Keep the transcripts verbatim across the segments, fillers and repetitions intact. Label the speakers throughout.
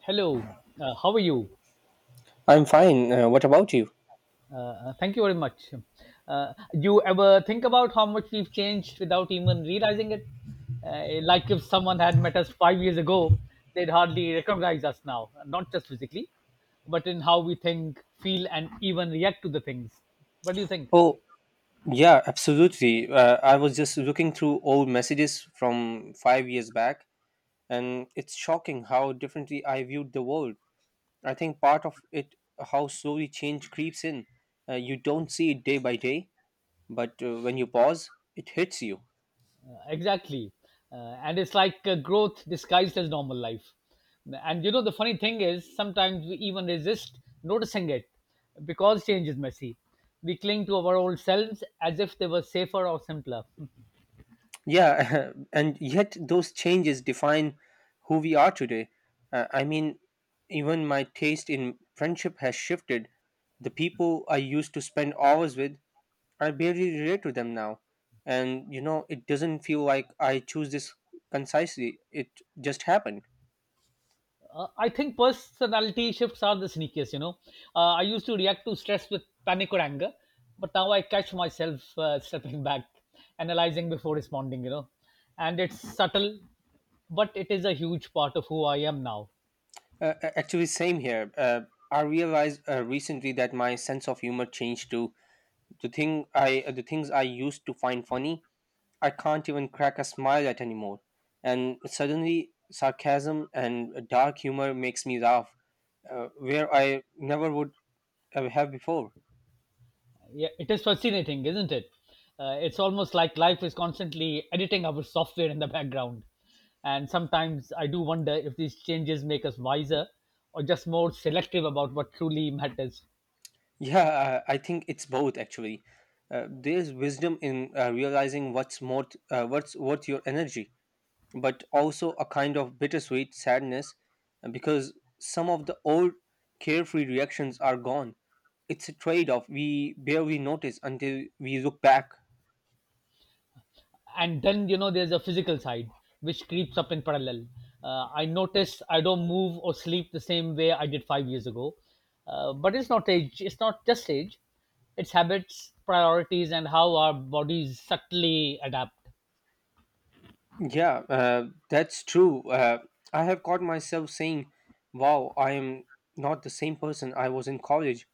Speaker 1: Hello, uh, how are you?
Speaker 2: I'm fine. Uh, what about you?
Speaker 1: Uh, uh, thank you very much. Uh, you ever think about how much we've changed without even realizing it? Uh, like if someone had met us five years ago, they'd hardly recognize us now, not just physically, but in how we think, feel, and even react to the things. What do you think?
Speaker 2: Oh, yeah, absolutely. Uh, I was just looking through old messages from five years back, and it's shocking how differently I viewed the world. I think part of it, how slowly change creeps in. Uh, you don't see it day by day, but uh, when you pause, it hits you.
Speaker 1: Exactly. Uh, and it's like uh, growth disguised as normal life. And you know, the funny thing is, sometimes we even resist noticing it because change is messy. We cling to our old selves as if they were safer or simpler.
Speaker 2: Yeah, and yet those changes define who we are today. Uh, I mean, even my taste in friendship has shifted. The people I used to spend hours with I barely relate to them now. And you know, it doesn't feel like I choose this concisely. It just happened.
Speaker 1: Uh, I think personality shifts are the sneakiest, you know. Uh, I used to react to stress with panic or anger, but now I catch myself uh, stepping back, analyzing before responding, you know. And it's subtle, but it is a huge part of who I am now.
Speaker 2: Uh, a- actually, same here. Uh, I realized uh, recently that my sense of humor changed too. The thing I, uh, the things I used to find funny, I can't even crack a smile at anymore. And suddenly, sarcasm and dark humor makes me laugh, uh, where I never would uh, have before.
Speaker 1: Yeah, it is fascinating, isn't it? Uh, it's almost like life is constantly editing our software in the background. And sometimes I do wonder if these changes make us wiser or just more selective about what truly matters.
Speaker 2: Yeah, I I think it's both actually. Uh, there's wisdom in uh, realizing what's more t- uh, what's worth your energy, but also a kind of bittersweet sadness uh, because some of the old carefree reactions are gone. It's a trade-off we barely notice until we look back.
Speaker 1: And then, you know, there's a physical side which creeps up in parallel. Uh, I notice I don't move or sleep the same way I did five years ago. Uh, but it's not age, It's not just age, it's habits, priorities, and how our bodies subtly adapt.
Speaker 2: Yeah, uh, that's true. Uh, I have caught myself saying, "Wow, I am not the same person I was in college,"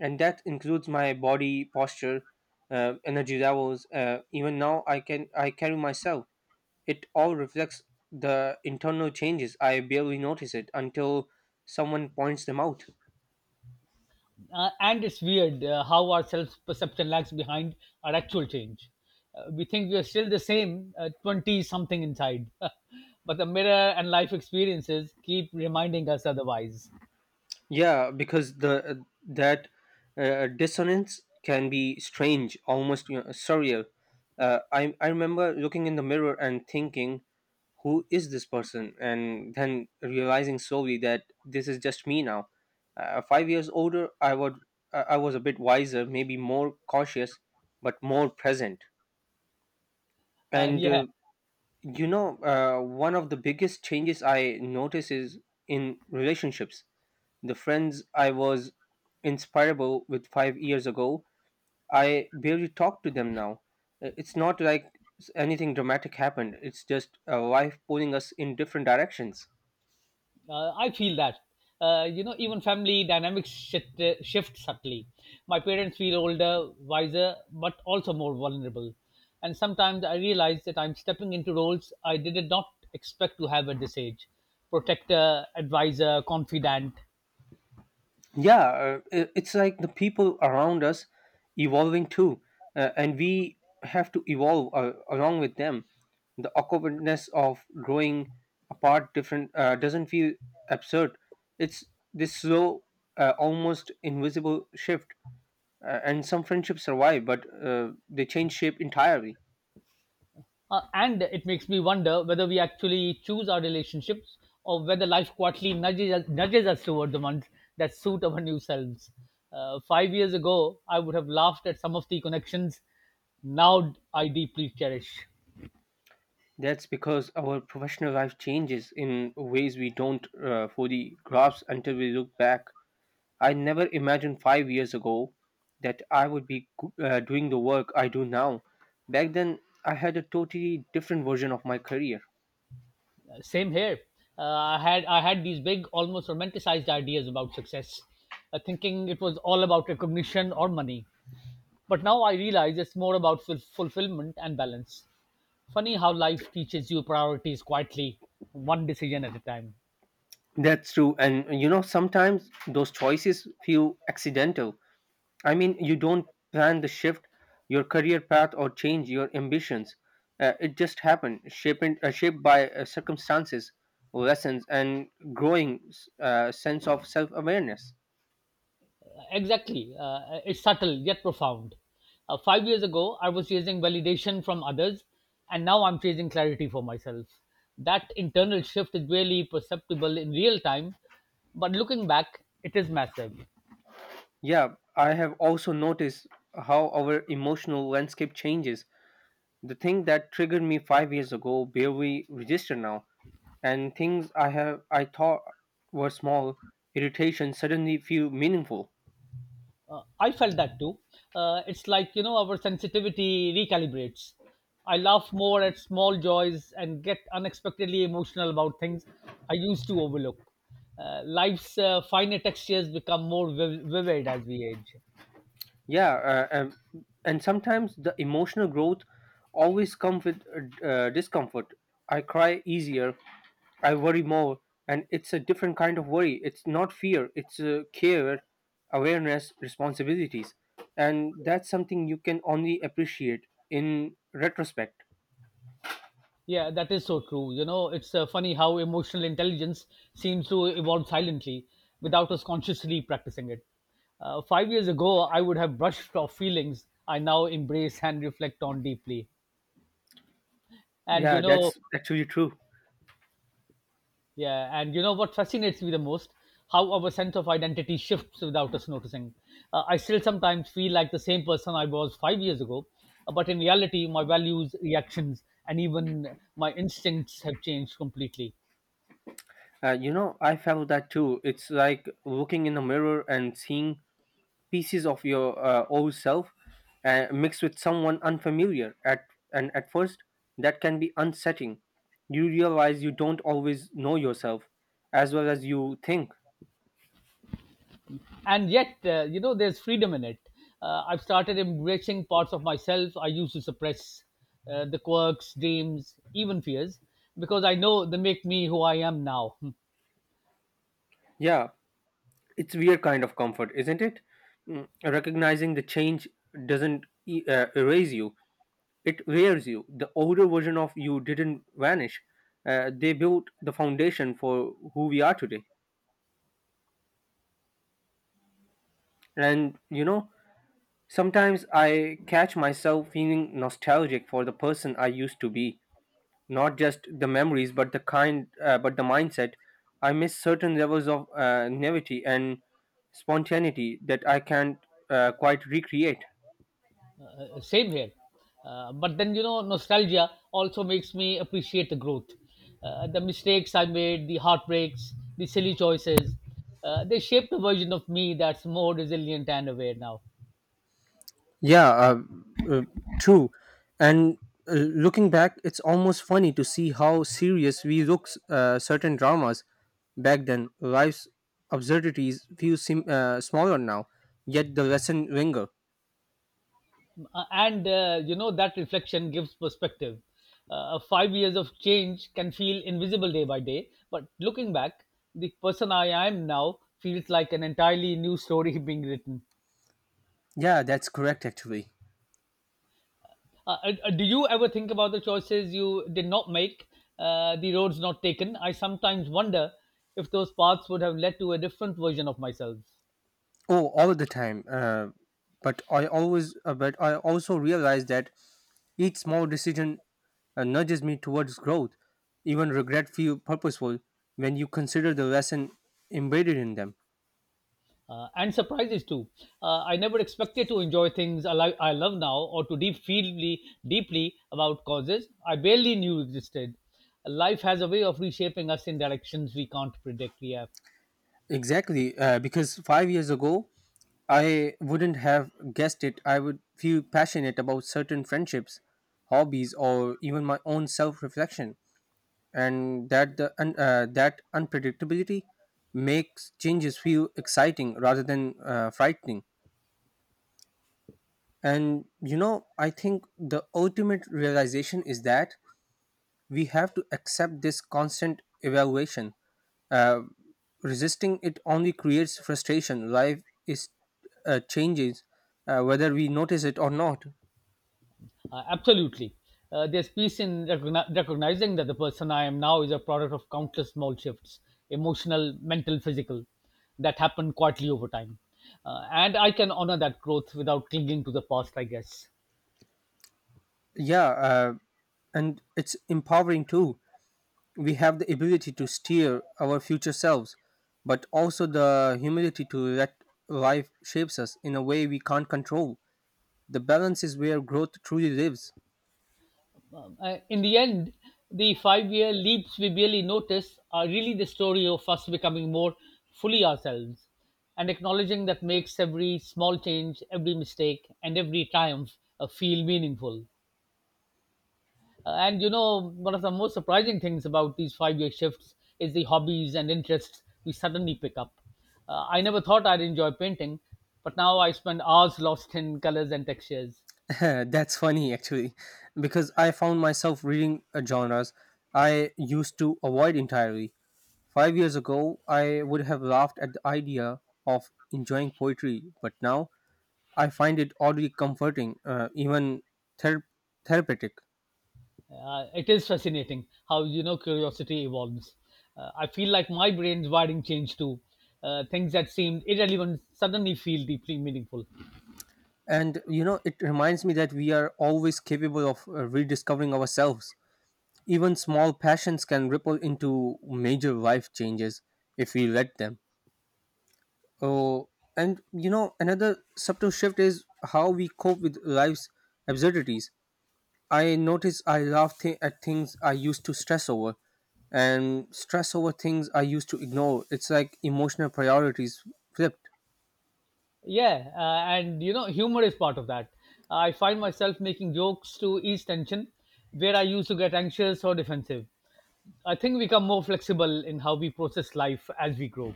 Speaker 2: and that includes my body posture, uh, energy levels, uh, even now i can i carry myself. It all reflects the internal changes. I barely notice it until someone points them out.
Speaker 1: Uh, and it's weird uh, how our self perception lags behind our actual change. Uh, we think we are still the same, uh, twenty something inside, but the mirror and life experiences keep reminding us otherwise.
Speaker 2: Yeah, because the uh, that uh, uh, dissonance can be strange, almost, you know, surreal. Uh, I I remember looking in the mirror and thinking, "Who is this person?" And then realizing slowly that this is just me now. Uh, five years older, I would I I was a bit wiser, maybe more cautious, but more present.
Speaker 1: Uh,
Speaker 2: And
Speaker 1: yeah,
Speaker 2: uh, you know, uh, one of the biggest changes I notice is in relationships. The friends I was inspirable with five years ago, I barely talk to them now. Uh, It's not like s- anything dramatic happened. It's just uh, life pulling us in different directions.
Speaker 1: uh, I feel that. Uh, you know, even family dynamics shift, uh, shift subtly. My parents feel older, wiser, but also more vulnerable. And sometimes I realize that I'm stepping into roles I did not expect to have at this age protector, advisor, confidant.
Speaker 2: Yeah, uh, i- it's like the people around us evolving too, uh, and we have to evolve uh, along with them. The awkwardness of growing apart different uh, doesn't feel absurd. It's this slow, uh, almost invisible shift, uh, and some friendships survive but uh, they change shape entirely.
Speaker 1: Uh, and it makes me wonder whether we actually choose our relationships or whether life quietly nudges us, nudges us toward the ones that suit our new selves. Uh, five years ago, I would have laughed at some of the connections. Now I deeply cherish.
Speaker 2: That's because our professional life changes in ways we don't uh, fully grasp until we look back. I never imagined five years ago that I would be uh, doing the work I do now. Back then, I had a totally different version of my career.
Speaker 1: Uh, same here. Uh, I had I had these big, almost romanticized ideas about success, uh, thinking it was all about recognition or money. But now I realize it's more about ful- fulfillment and balance. Funny how life teaches you priorities quietly, one decision at a time.
Speaker 2: That's true. And you know, sometimes those choices feel accidental. I mean, you don't plan the shift, your career path, or change your ambitions. Uh, it just happened, shaped, uh, shaped by uh, circumstances, lessons, and growing uh, sense of self awareness.
Speaker 1: Exactly. Uh, it's subtle yet profound. Uh, five years ago, I was chasing validation from others, and now I'm chasing clarity for myself. That internal shift is barely perceptible in real time, but looking back, it is massive.
Speaker 2: Yeah, I have also noticed how our emotional landscape changes. The thing that triggered me five years ago barely register now, and things I have I thought were small irritations suddenly feel meaningful.
Speaker 1: Uh, I felt that too. Uh, it's like, you know, our sensitivity recalibrates. I laugh more at small joys and get unexpectedly emotional about things I used to overlook. Uh, life's uh, finer textures become more viv- vivid as we age.
Speaker 2: Yeah, uh, um, and sometimes the emotional growth always comes with uh, d- uh, discomfort. I cry easier, I worry more, and it's a different kind of worry. It's not fear, it's uh, care, awareness, responsibilities. And that's something you can only appreciate in retrospect.
Speaker 1: Yeah, that is so true. You know, it's uh, funny how emotional intelligence seems to evolve silently without us consciously practicing it. Uh, five years ago, I would have brushed off feelings I now embrace and reflect on deeply. And
Speaker 2: Yeah,
Speaker 1: you know,
Speaker 2: that's actually true.
Speaker 1: yeah, and you know what fascinates me the most? How our sense of identity shifts without us noticing. Uh, I still sometimes feel like the same person I was five years ago, uh, but in reality, my values, reactions, and even my instincts have changed completely.
Speaker 2: Uh, you know, I felt that too. It's like looking in the mirror and seeing pieces of your uh, old self uh, mixed with someone unfamiliar. At And at first, that can be unsettling. You realize you don't always know yourself as well as you think.
Speaker 1: And yet, uh, you know, there's freedom in it. Uh, I've started embracing parts of myself I used to suppress uh, the quirks, dreams, even fears, because I know they make me who I am now.
Speaker 2: Yeah, it's weird kind of comfort, isn't it? Mm. Recognizing the change doesn't e- uh, erase you; it wears you. The older version of you didn't vanish. Uh, they built the foundation for who we are today. And you know, sometimes I catch myself feeling nostalgic for the person I used to be. Not just the memories, but the kind, uh, but the mindset. I miss certain levels of uh, naivety and spontaneity that I can't uh, quite recreate.
Speaker 1: Same here. Uh, but then, you know, nostalgia also makes me appreciate the growth. Uh, the mistakes I made, the heartbreaks, the silly choices, uh, they shaped the version of me that's more resilient and aware now.
Speaker 2: Yeah, uh, uh, true. And uh, looking back, it's almost funny to see how serious we look uh, certain dramas back then. Life's absurdities feel sim- uh, smaller now, yet the lesson linger.
Speaker 1: Uh, And, uh, you know, that reflection gives perspective. Uh, five years of change can feel invisible day by day, but looking back, the person I am now feels like an entirely new story being written.
Speaker 2: Yeah, that's correct actually.
Speaker 1: Uh, uh, do you ever think about the choices you did not make, uh, the roads not taken? I sometimes wonder if those paths would have led to a different version of myself.
Speaker 2: Oh, all the time. Uh, but I always, uh, but I also realize that each small decision uh, nudges me towards growth. Even regret feel purposeful when you consider the lesson embedded in them.
Speaker 1: Uh, and surprises too. Uh, I never expected to enjoy things I, li- I love now or to deep feel deeply about causes I barely knew existed. Life has a way of reshaping us in directions we can't predict. Yeah.
Speaker 2: Exactly, uh, because five years ago, I wouldn't have guessed it. I would feel passionate about certain friendships, hobbies, or even my own self-reflection, and that the un- uh, that unpredictability makes changes feel exciting rather than uh, frightening. And you know, I think the ultimate realization is that we have to accept this constant evaluation. Uh, Resisting it only creates frustration. Life is uh, changes uh, whether we notice it or not.
Speaker 1: Uh, absolutely. Uh, there's peace in recogni- recognizing that the person I am now is a product of countless small shifts emotional, mental, physical that happen quietly over time. Uh, and I can honor that growth without clinging to the past, I guess.
Speaker 2: Yeah, uh, and it's empowering too. We have the ability to steer our future selves, but also the humility to let life shapes us in a way we can't control. The balance is where growth truly lives.
Speaker 1: Um, uh, in the end, the five year leaps we barely notice are really the story of us becoming more fully ourselves and acknowledging that makes every small change, every mistake, and every triumph uh, feel meaningful. Uh, And you know, one of the most surprising things about these five year shifts is the hobbies and interests we suddenly pick up. Uh, I never thought I'd enjoy painting, but now I spend hours lost in colors and textures.
Speaker 2: That's funny actually, because I found myself reading uh, genres I used to avoid entirely. Five years ago, I would have laughed at the idea of enjoying poetry, but now I find it oddly comforting, uh, even ther- therapeutic.
Speaker 1: Uh, it is fascinating how you know curiosity evolves. Uh, I feel like my brain's wiring changed too. Uh, things that seemed irrelevant suddenly feel deeply meaningful.
Speaker 2: And you know, it reminds me that we are always capable of uh, rediscovering ourselves. Even small passions can ripple into major life changes if we let them. Oh, and you know, another subtle shift is how we cope with life's absurdities. I notice I laugh th- at things I used to stress over, and stress over things I used to ignore. It's like emotional priorities flipped.
Speaker 1: Yeah, uh, and you know, humor is part of that. I find myself making jokes to ease tension where I used to get anxious or defensive. I think we become more flexible in how we process life as we grow.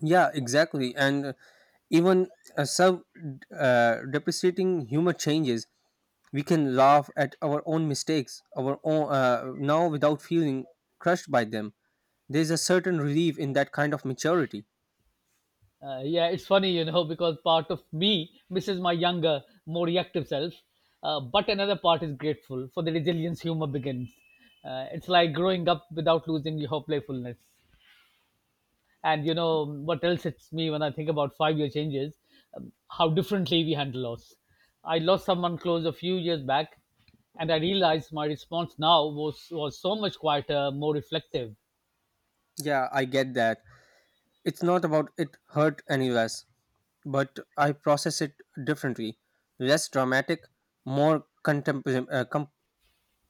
Speaker 2: Yeah, exactly. And uh, even a self uh, depreciating humor changes. We can laugh at our own mistakes, our own uh, now without feeling crushed by them. There's a certain relief in that kind of maturity.
Speaker 1: Uh, yeah, it's funny, you know, because part of me misses my younger, more reactive self, uh, but another part is grateful for the resilience humor begins. Uh, it's like growing up without losing your playfulness. And you know what else hits me when I think about five-year changes? Um, how differently we handle loss. I lost someone close a few years back, and I realized my response now was was so much quieter, more reflective,
Speaker 2: Yeah, I get that. It's not about it hurt any less, but I process it differently. Less dramatic, more contempl- uh, com-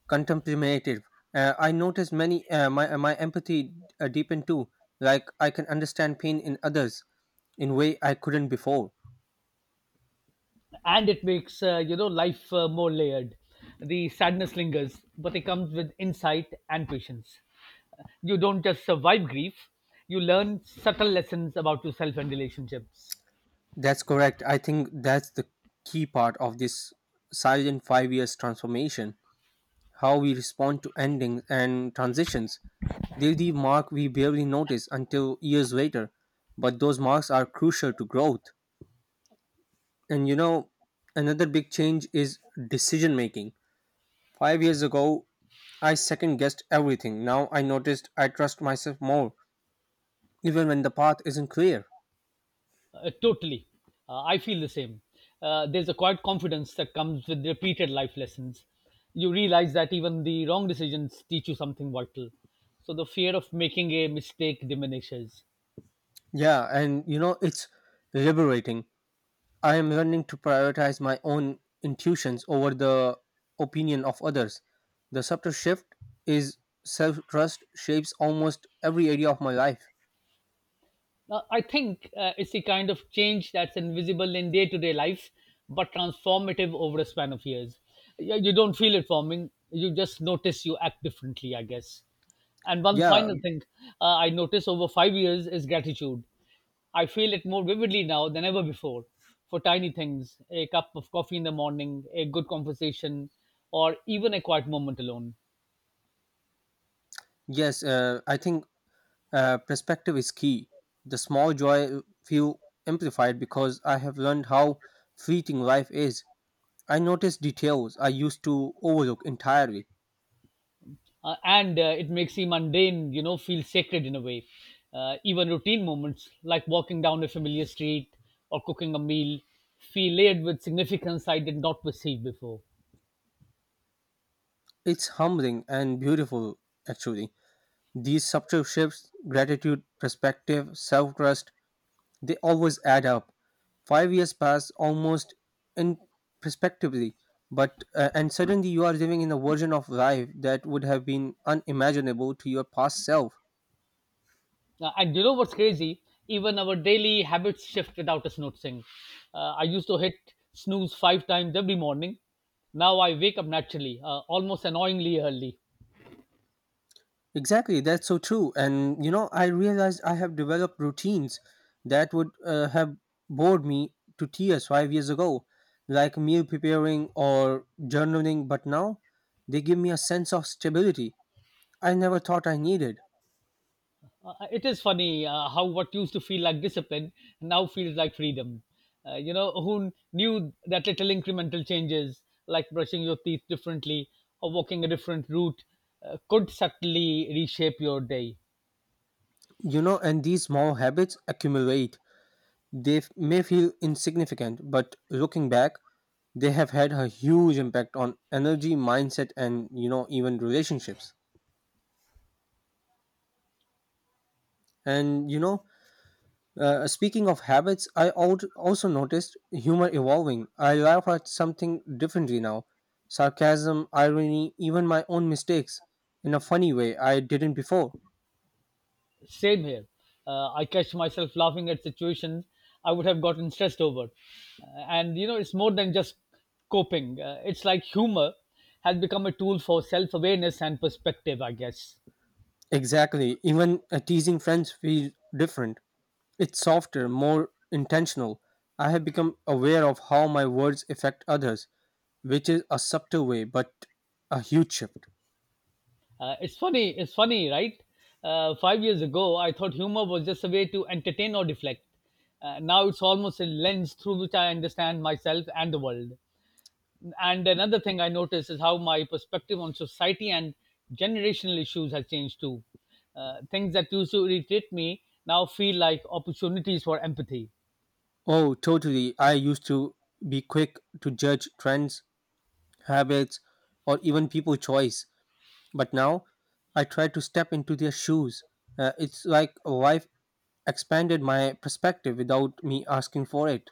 Speaker 2: contemplative. Uh, I notice many uh, my uh, My empathy uh, deepen too. Like I can understand pain in others in way I couldn't before.
Speaker 1: and it makes uh, you know life uh, more layered. The sadness lingers, but it comes with insight and patience. You don't just survive grief, you learn subtle lessons about yourself and relationships.
Speaker 2: That's correct. I think that's the key part of this silent five years transformation. How we respond to endings and transitions. They're the we barely notice until years later, but those marks are crucial to growth. And you know, another big change is decision making. Five years ago, I second guessed everything. Now I noticed I trust myself more, even when the path isn't clear.
Speaker 1: Uh, totally uh, I feel the same. Uh, there's a quiet confidence that comes with repeated life lessons. You realize that even the wrong decisions teach you something vital, so the fear of making a mistake diminishes.
Speaker 2: Yeah, and you know, it's liberating. I am learning to prioritize my own intuitions over the opinion of others. The subtle shift is self trust shapes almost every area of my life.
Speaker 1: Now, I think uh, it's the kind of change that's invisible in day to day life, but transformative over a span of years. You, you don't feel it forming, you just notice you act differently, I guess. And one
Speaker 2: Yeah,
Speaker 1: final thing uh, I notice over five years is gratitude. I feel it more vividly now than ever before for tiny things a cup of coffee in the morning, a good conversation, or even a quiet moment alone.
Speaker 2: yes, uh, I think uh, perspective is key. The small joy feel amplified because I have learned how fleeting life is. I notice details I used to overlook entirely.
Speaker 1: uh, and uh, it makes the mundane you know feel sacred in a way. Uh, even routine moments like walking down a familiar street or cooking a meal feel layered with significance I did not perceive before.
Speaker 2: It's humbling and beautiful, actually. These subtle shifts, gratitude, perspective, self trust, they always add up. Five years pass almost in perspectively, but uh, and suddenly you are living in a version of life that would have been unimaginable to your past self.
Speaker 1: Uh, and you know what's crazy, even our daily habits shift without us noticing. Uh, I used to hit snooze five times every morning. Now I wake up naturally, uh, almost annoyingly early.
Speaker 2: Exactly, that's so true. And you know, I realized I have developed routines that would uh, have bored me to tears five years ago, like meal preparing or journaling. But now they give me a sense of stability I never thought I needed.
Speaker 1: Uh, uh, it is funny uh, how what used to feel like discipline now feels like freedom. Uh, you know, who knew that little incremental changes, like brushing your teeth differently or walking a different route, uh, could subtly reshape your day?
Speaker 2: You know, and these small habits accumulate. They f- may feel insignificant, but looking back, they have had a huge impact on energy, mindset, and you know even relationships. And you know, uh, speaking of habits, I al- also noticed humor evolving. I laugh at something differently now, sarcasm, irony, even my own mistakes, in a funny way I didn't before.
Speaker 1: Same here. Uh, I catch myself laughing at situations I would have gotten stressed over. Uh, and, you know, it's more than just coping, uh, it's like humor has become a tool for self awareness and perspective, I guess.
Speaker 2: Exactly. Even uh, teasing friends feel different. It's softer, more intentional. I have become aware of how my words affect others, which is a subtle way, but a huge shift.
Speaker 1: Uh, it's funny. It's funny, right? Uh, five years ago, I thought humor was just a way to entertain or deflect. Uh, now it's almost a lens through which I understand myself and the world. And another thing I notice is how my perspective on society and generational issues has changed too. Uh, things that used to irritate me now feel like opportunities for empathy.
Speaker 2: Oh, totally. I used to be quick to judge trends, habits, or even people choice, but now I try to step into their shoes. Uh, it's like life expanded my perspective without me asking for it.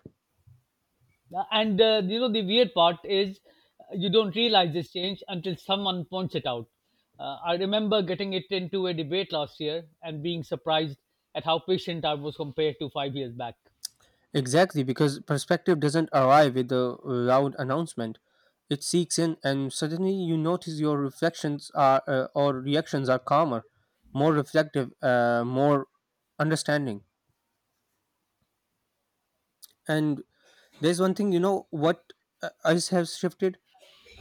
Speaker 1: Yeah, and uh, you know, the weird part is uh, you don't realize this change until someone points it out. Uh, I remember getting it into a debate last year and being surprised at how patient I was compared to five years back.
Speaker 2: Exactly, because perspective doesn't arrive with a loud announcement. It seeks in, and suddenly you notice your reflections are uh, or reactions are calmer, more reflective, uh, more understanding. And there's one thing, you know, what uh, us has shifted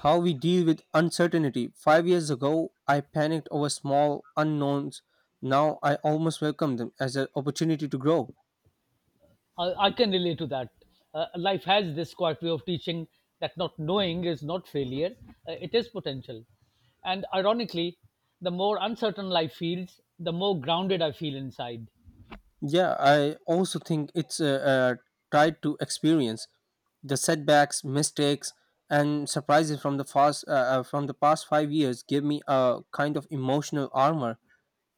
Speaker 2: how we deal with uncertainty. Five years ago, I panicked over small unknowns. Now I almost welcome them as an opportunity to grow.
Speaker 1: I, I can relate to that. Uh, life has this quiet way of teaching that not knowing is not failure, uh, it is potential. And ironically, the more uncertain life feels, the more grounded I feel inside.
Speaker 2: Yeah, I also think it's uh, uh, tried to experience the setbacks, mistakes, and surprises from the past uh, uh, from the past five years give me a kind of emotional armor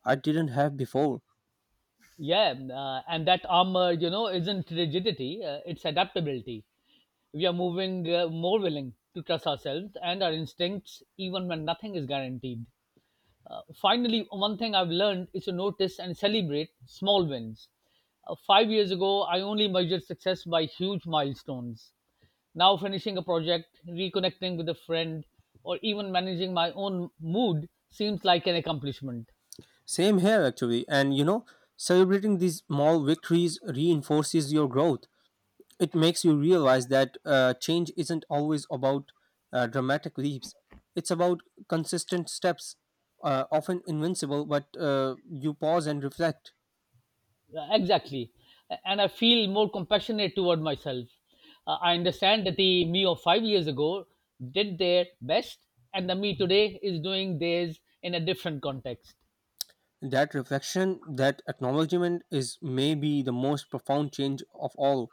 Speaker 2: I didn't have before.
Speaker 1: Yeah, uh, and that armor, you know, isn't rigidity, uh, it's adaptability. We are moving uh, more willing to trust ourselves and our instincts even when nothing is guaranteed. Uh, finally, one thing I've learned is to notice and celebrate small wins. Uh, five years ago, I only measured success by huge milestones. Now, finishing a project, reconnecting with a friend, or even managing my own mood seems like an accomplishment.
Speaker 2: Same here, actually, and you know, celebrating these small victories reinforces your growth. It makes you realize that uh, change isn't always about uh, dramatic leaps. It's about consistent steps, uh, often invincible, but uh, you pause and reflect.
Speaker 1: Uh, Exactly. And I feel more compassionate toward myself. Uh, I understand that the me of five years ago did their best, and the me today is doing theirs in a different context.
Speaker 2: That reflection, that acknowledgement is maybe the most profound change of all.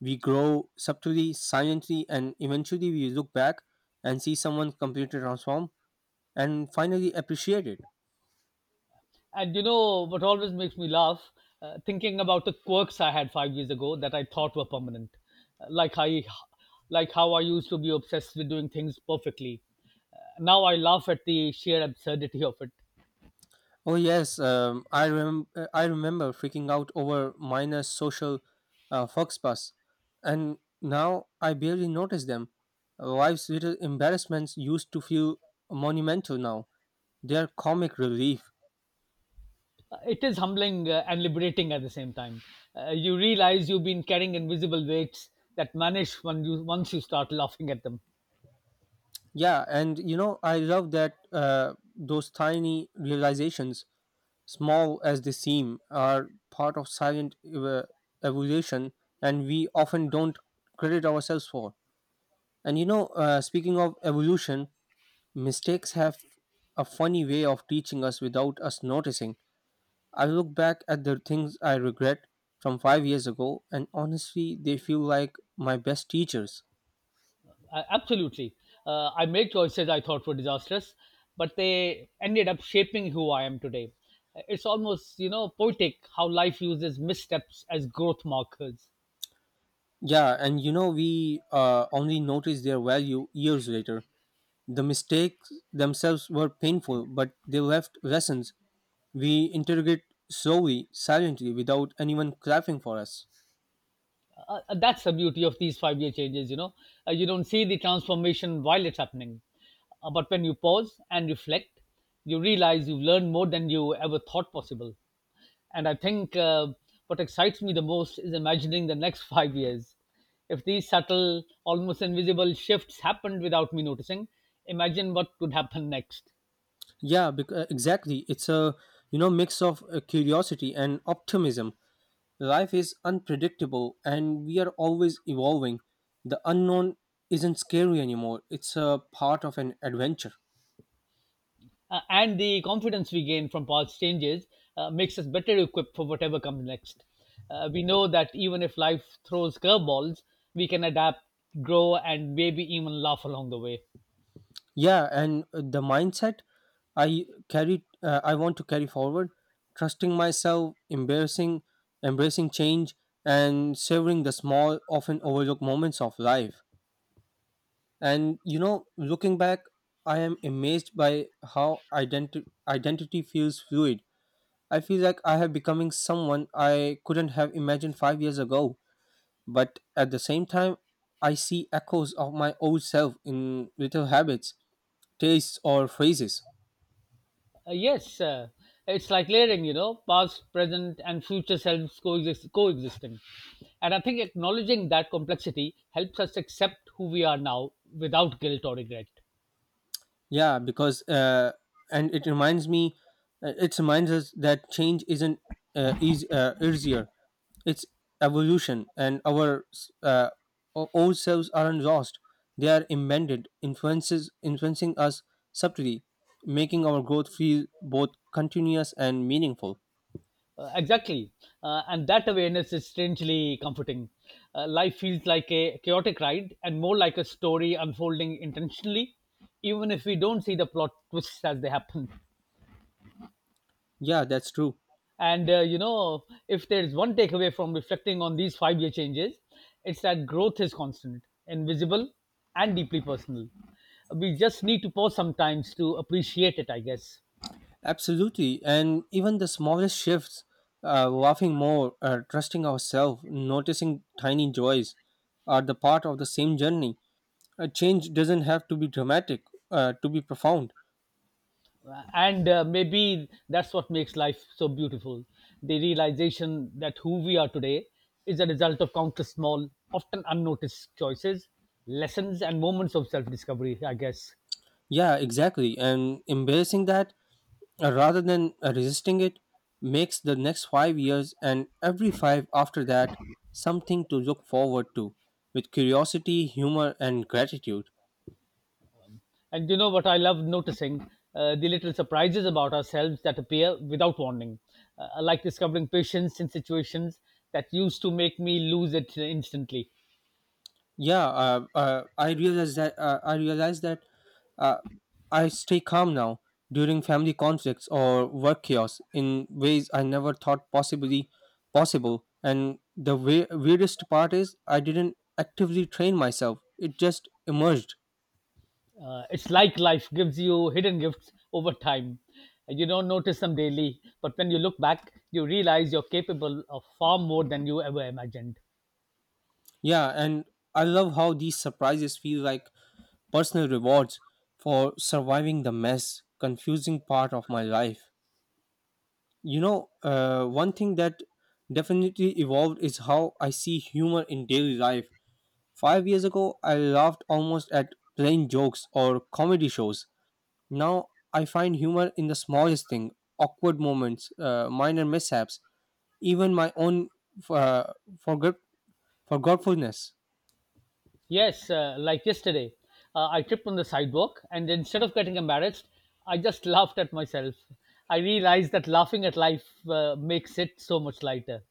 Speaker 2: We grow subtly, silently, and eventually we look back and see someone completely transform and finally appreciate it.
Speaker 1: And you know what always makes me laugh? Uh, thinking about the quirks I had five years ago that I thought were permanent, Uh, like I, like how I used to be obsessed with doing things perfectly. Uh, now I laugh at the sheer absurdity of it.
Speaker 2: Oh yes, um, I rem- uh, I remember freaking out over minor social uh, faux and now I barely notice them. Life's little embarrassments used to feel monumental now. They are comic relief.
Speaker 1: It is humbling, uh, and liberating at the same time. Uh, you realize you've been carrying invisible weights that vanish when you once you start laughing at them.
Speaker 2: Yeah, and you know, I love that uh, those tiny realizations, small as they seem, are part of silent ev- evolution, and we often don't credit ourselves for. And you know, uh, speaking of evolution, mistakes have a funny way of teaching us without us noticing. I look back at the things I regret from five years ago, and honestly, they feel like my best teachers.
Speaker 1: Uh, absolutely, uh, I made choices I thought were disastrous, but they ended up shaping who I am today. It's almost, you know, poetic how life uses missteps as growth markers.
Speaker 2: Yeah, and you know, we uh, only noticed their value years later. The mistakes themselves were painful, but they left lessons. We interrogate slowly, silently, without anyone clapping for us.
Speaker 1: Uh, uh, that's the beauty of these five year changes, you know, uh, you don't see the transformation while it's happening. Uh, but when you pause and reflect, you realize you've learned more than you ever thought possible. And I think, uh, what excites me the most is imagining the next five years. If these subtle, almost invisible shifts happened without me noticing, imagine what could happen next.
Speaker 2: Yeah, bec- uh, exactly. It's a you know mix of uh, curiosity and optimism. Life is unpredictable, and we are always evolving. The unknown isn't scary anymore. It's a part of an adventure.
Speaker 1: Uh, and the confidence we gain from past changes uh, makes us better equipped for whatever comes next. Uh, we know that even if life throws curveballs, we can adapt, grow, and maybe even laugh along the way.
Speaker 2: Yeah, and uh, the mindset I carry uh, I want to carry forward, trusting myself, embarrassing embracing change, and savoring the small, often overlooked moments of life. And you know, looking back, I am amazed by how identi- identity feels fluid. I feel like I have becoming someone I couldn't have imagined five years ago, but at the same time I see echoes of my old self in little habits, tastes, or phrases.
Speaker 1: Uh, yes, uh, it's like layering, you know, past, present, and future selves coexist- coexisting. And I think acknowledging that complexity helps us accept who we are now without guilt or regret.
Speaker 2: Yeah, because uh, and it reminds me, uh, it reminds us that change isn't uh, easy, uh, easier. It's evolution, and our s- uh, o- old selves aren't lost. They are embedded, influences influencing us subtly, making our growth feel both continuous and meaningful.
Speaker 1: Uh, exactly. Uh, and that awareness is strangely comforting. Uh, life feels like a chaotic ride and more like a story unfolding intentionally, even if we don't see the plot twists as they happen.
Speaker 2: Yeah, that's true.
Speaker 1: And, uh, you know, if there's one takeaway from reflecting on these five year changes, it's that growth is constant, invisible, and deeply personal. We just need to pause sometimes to appreciate it, I guess.
Speaker 2: Absolutely. And even the smallest shifts, uh, laughing more, uh, trusting ourselves, noticing tiny joys, are the part of the same journey. A change doesn't have to be dramatic, uh, to be profound.
Speaker 1: And uh, maybe that's what makes life so beautiful, the realization that who we are today is a result of countless small, often unnoticed choices, lessons, and moments of self-discovery, I guess.
Speaker 2: Yeah, exactly. And embracing that uh, rather than uh, resisting it makes the next five years, and every five after that, something to look forward to with curiosity, humor, and gratitude.
Speaker 1: And you know what I love noticing, uh, the little surprises about ourselves that appear without warning. uh, I like discovering patience in situations that used to make me lose it instantly.
Speaker 2: yeah uh, uh, i realize that uh, I realize that uh, I stay calm now during family conflicts or work chaos in ways I never thought possibly possible. And the we- weirdest part is I didn't actively train myself, it just emerged.
Speaker 1: Uh, it's like life gives you hidden gifts over time. You don't notice them daily, but when you look back, you realize you're capable of far more than you ever imagined.
Speaker 2: Yeah, and I love how these surprises feel like personal rewards for surviving the mess, confusing part of my life. You know, uh, one thing that definitely evolved is how I see humor in daily life. Five years ago I laughed almost at plain jokes or comedy shows. Now I find humor in the smallest thing, awkward moments, uh, minor mishaps, even my own, uh, forget forgetfulness.
Speaker 1: Yes, uh, like yesterday, uh, I tripped on the sidewalk, and instead of getting embarrassed, I just laughed at myself. I realized that laughing at life uh, makes it so much lighter.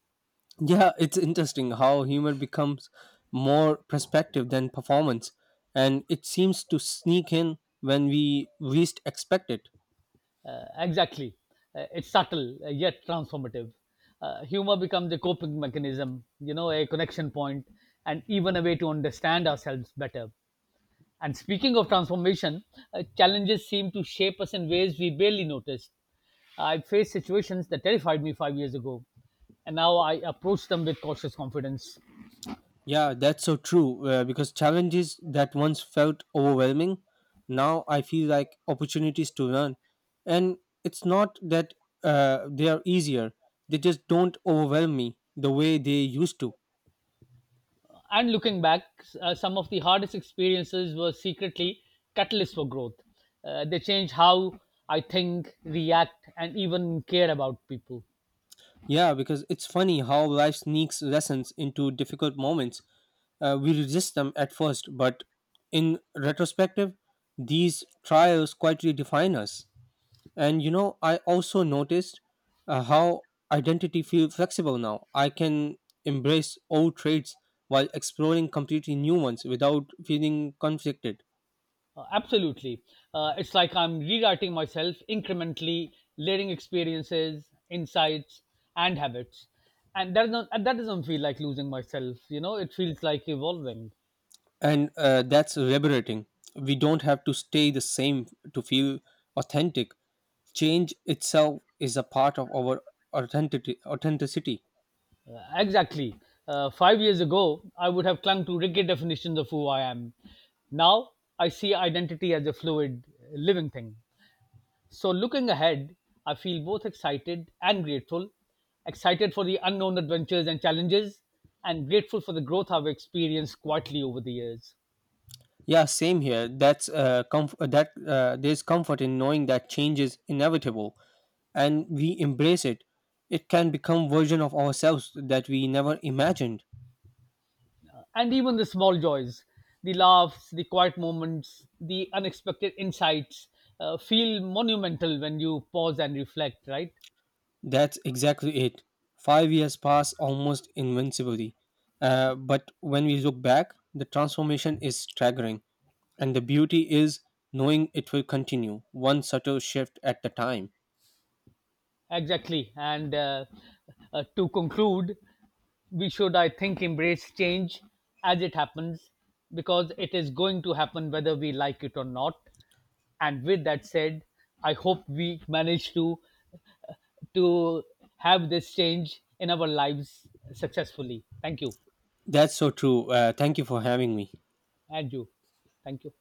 Speaker 2: Yeah, it's interesting how humor becomes more perspective than performance, and it seems to sneak in when we least expect it.
Speaker 1: Uh, exactly. Uh, it's subtle, uh, yet transformative. Uh, humor becomes a coping mechanism, you know, a connection point, and even a way to understand ourselves better. And speaking of transformation, uh, challenges seem to shape us in ways we barely noticed. I faced situations that terrified me five years ago, and now I approach them with cautious confidence.
Speaker 2: Yeah, that's so true. Uh, because challenges that once felt overwhelming, now I feel like opportunities to learn. And it's not that uh, they are easier, they just don't overwhelm me the way they used to.
Speaker 1: And looking back, uh, some of the hardest experiences were secretly catalysts for growth. Uh, they changed how I think, react, and even care about people.
Speaker 2: Yeah, because it's funny how life sneaks lessons into difficult moments. Uh, we resist them at first, but in retrospective, these trials quietly define us. And you know, I also noticed uh, how identity feels flexible now. I can embrace old traits while exploring completely new ones without feeling conflicted.
Speaker 1: Uh, absolutely. Uh, it's like I'm rewriting myself incrementally, layering experiences, insights, and habits. And that doesn't, and that doesn't feel like losing myself, you know, it feels like evolving.
Speaker 2: And uh, that's liberating. We don't have to stay the same to feel authentic. Change itself is a part of our authenticity. Authenticity.
Speaker 1: Uh, exactly. Uh, five years ago, I would have clung to rigid definitions of who I am. Now, I see identity as a fluid, uh, living thing. So, looking ahead, I feel both excited and grateful, excited for the unknown adventures and challenges, and grateful for the growth I've experienced quietly over the years.
Speaker 2: Yeah, same here. That's uh, comf- that uh, There's comfort in knowing that change is inevitable, and we embrace it, it can become version of ourselves that we never imagined.
Speaker 1: And even the small joys, the laughs, the quiet moments, the unexpected insights uh, feel monumental when you pause and reflect, right?
Speaker 2: That's exactly it. Five years pass almost invincibly. Uh, but when we look back, the transformation is staggering. And the beauty is knowing it will continue, one subtle shift at a time.
Speaker 1: Exactly. And uh, uh, to conclude, we should, I think, embrace change as it happens because it is going to happen whether we like it or not. And with that said, I hope we manage to uh, to have this change in our lives successfully. Thank you,
Speaker 2: That's so true. Uh, thank you for having me.
Speaker 1: and you. Thank you.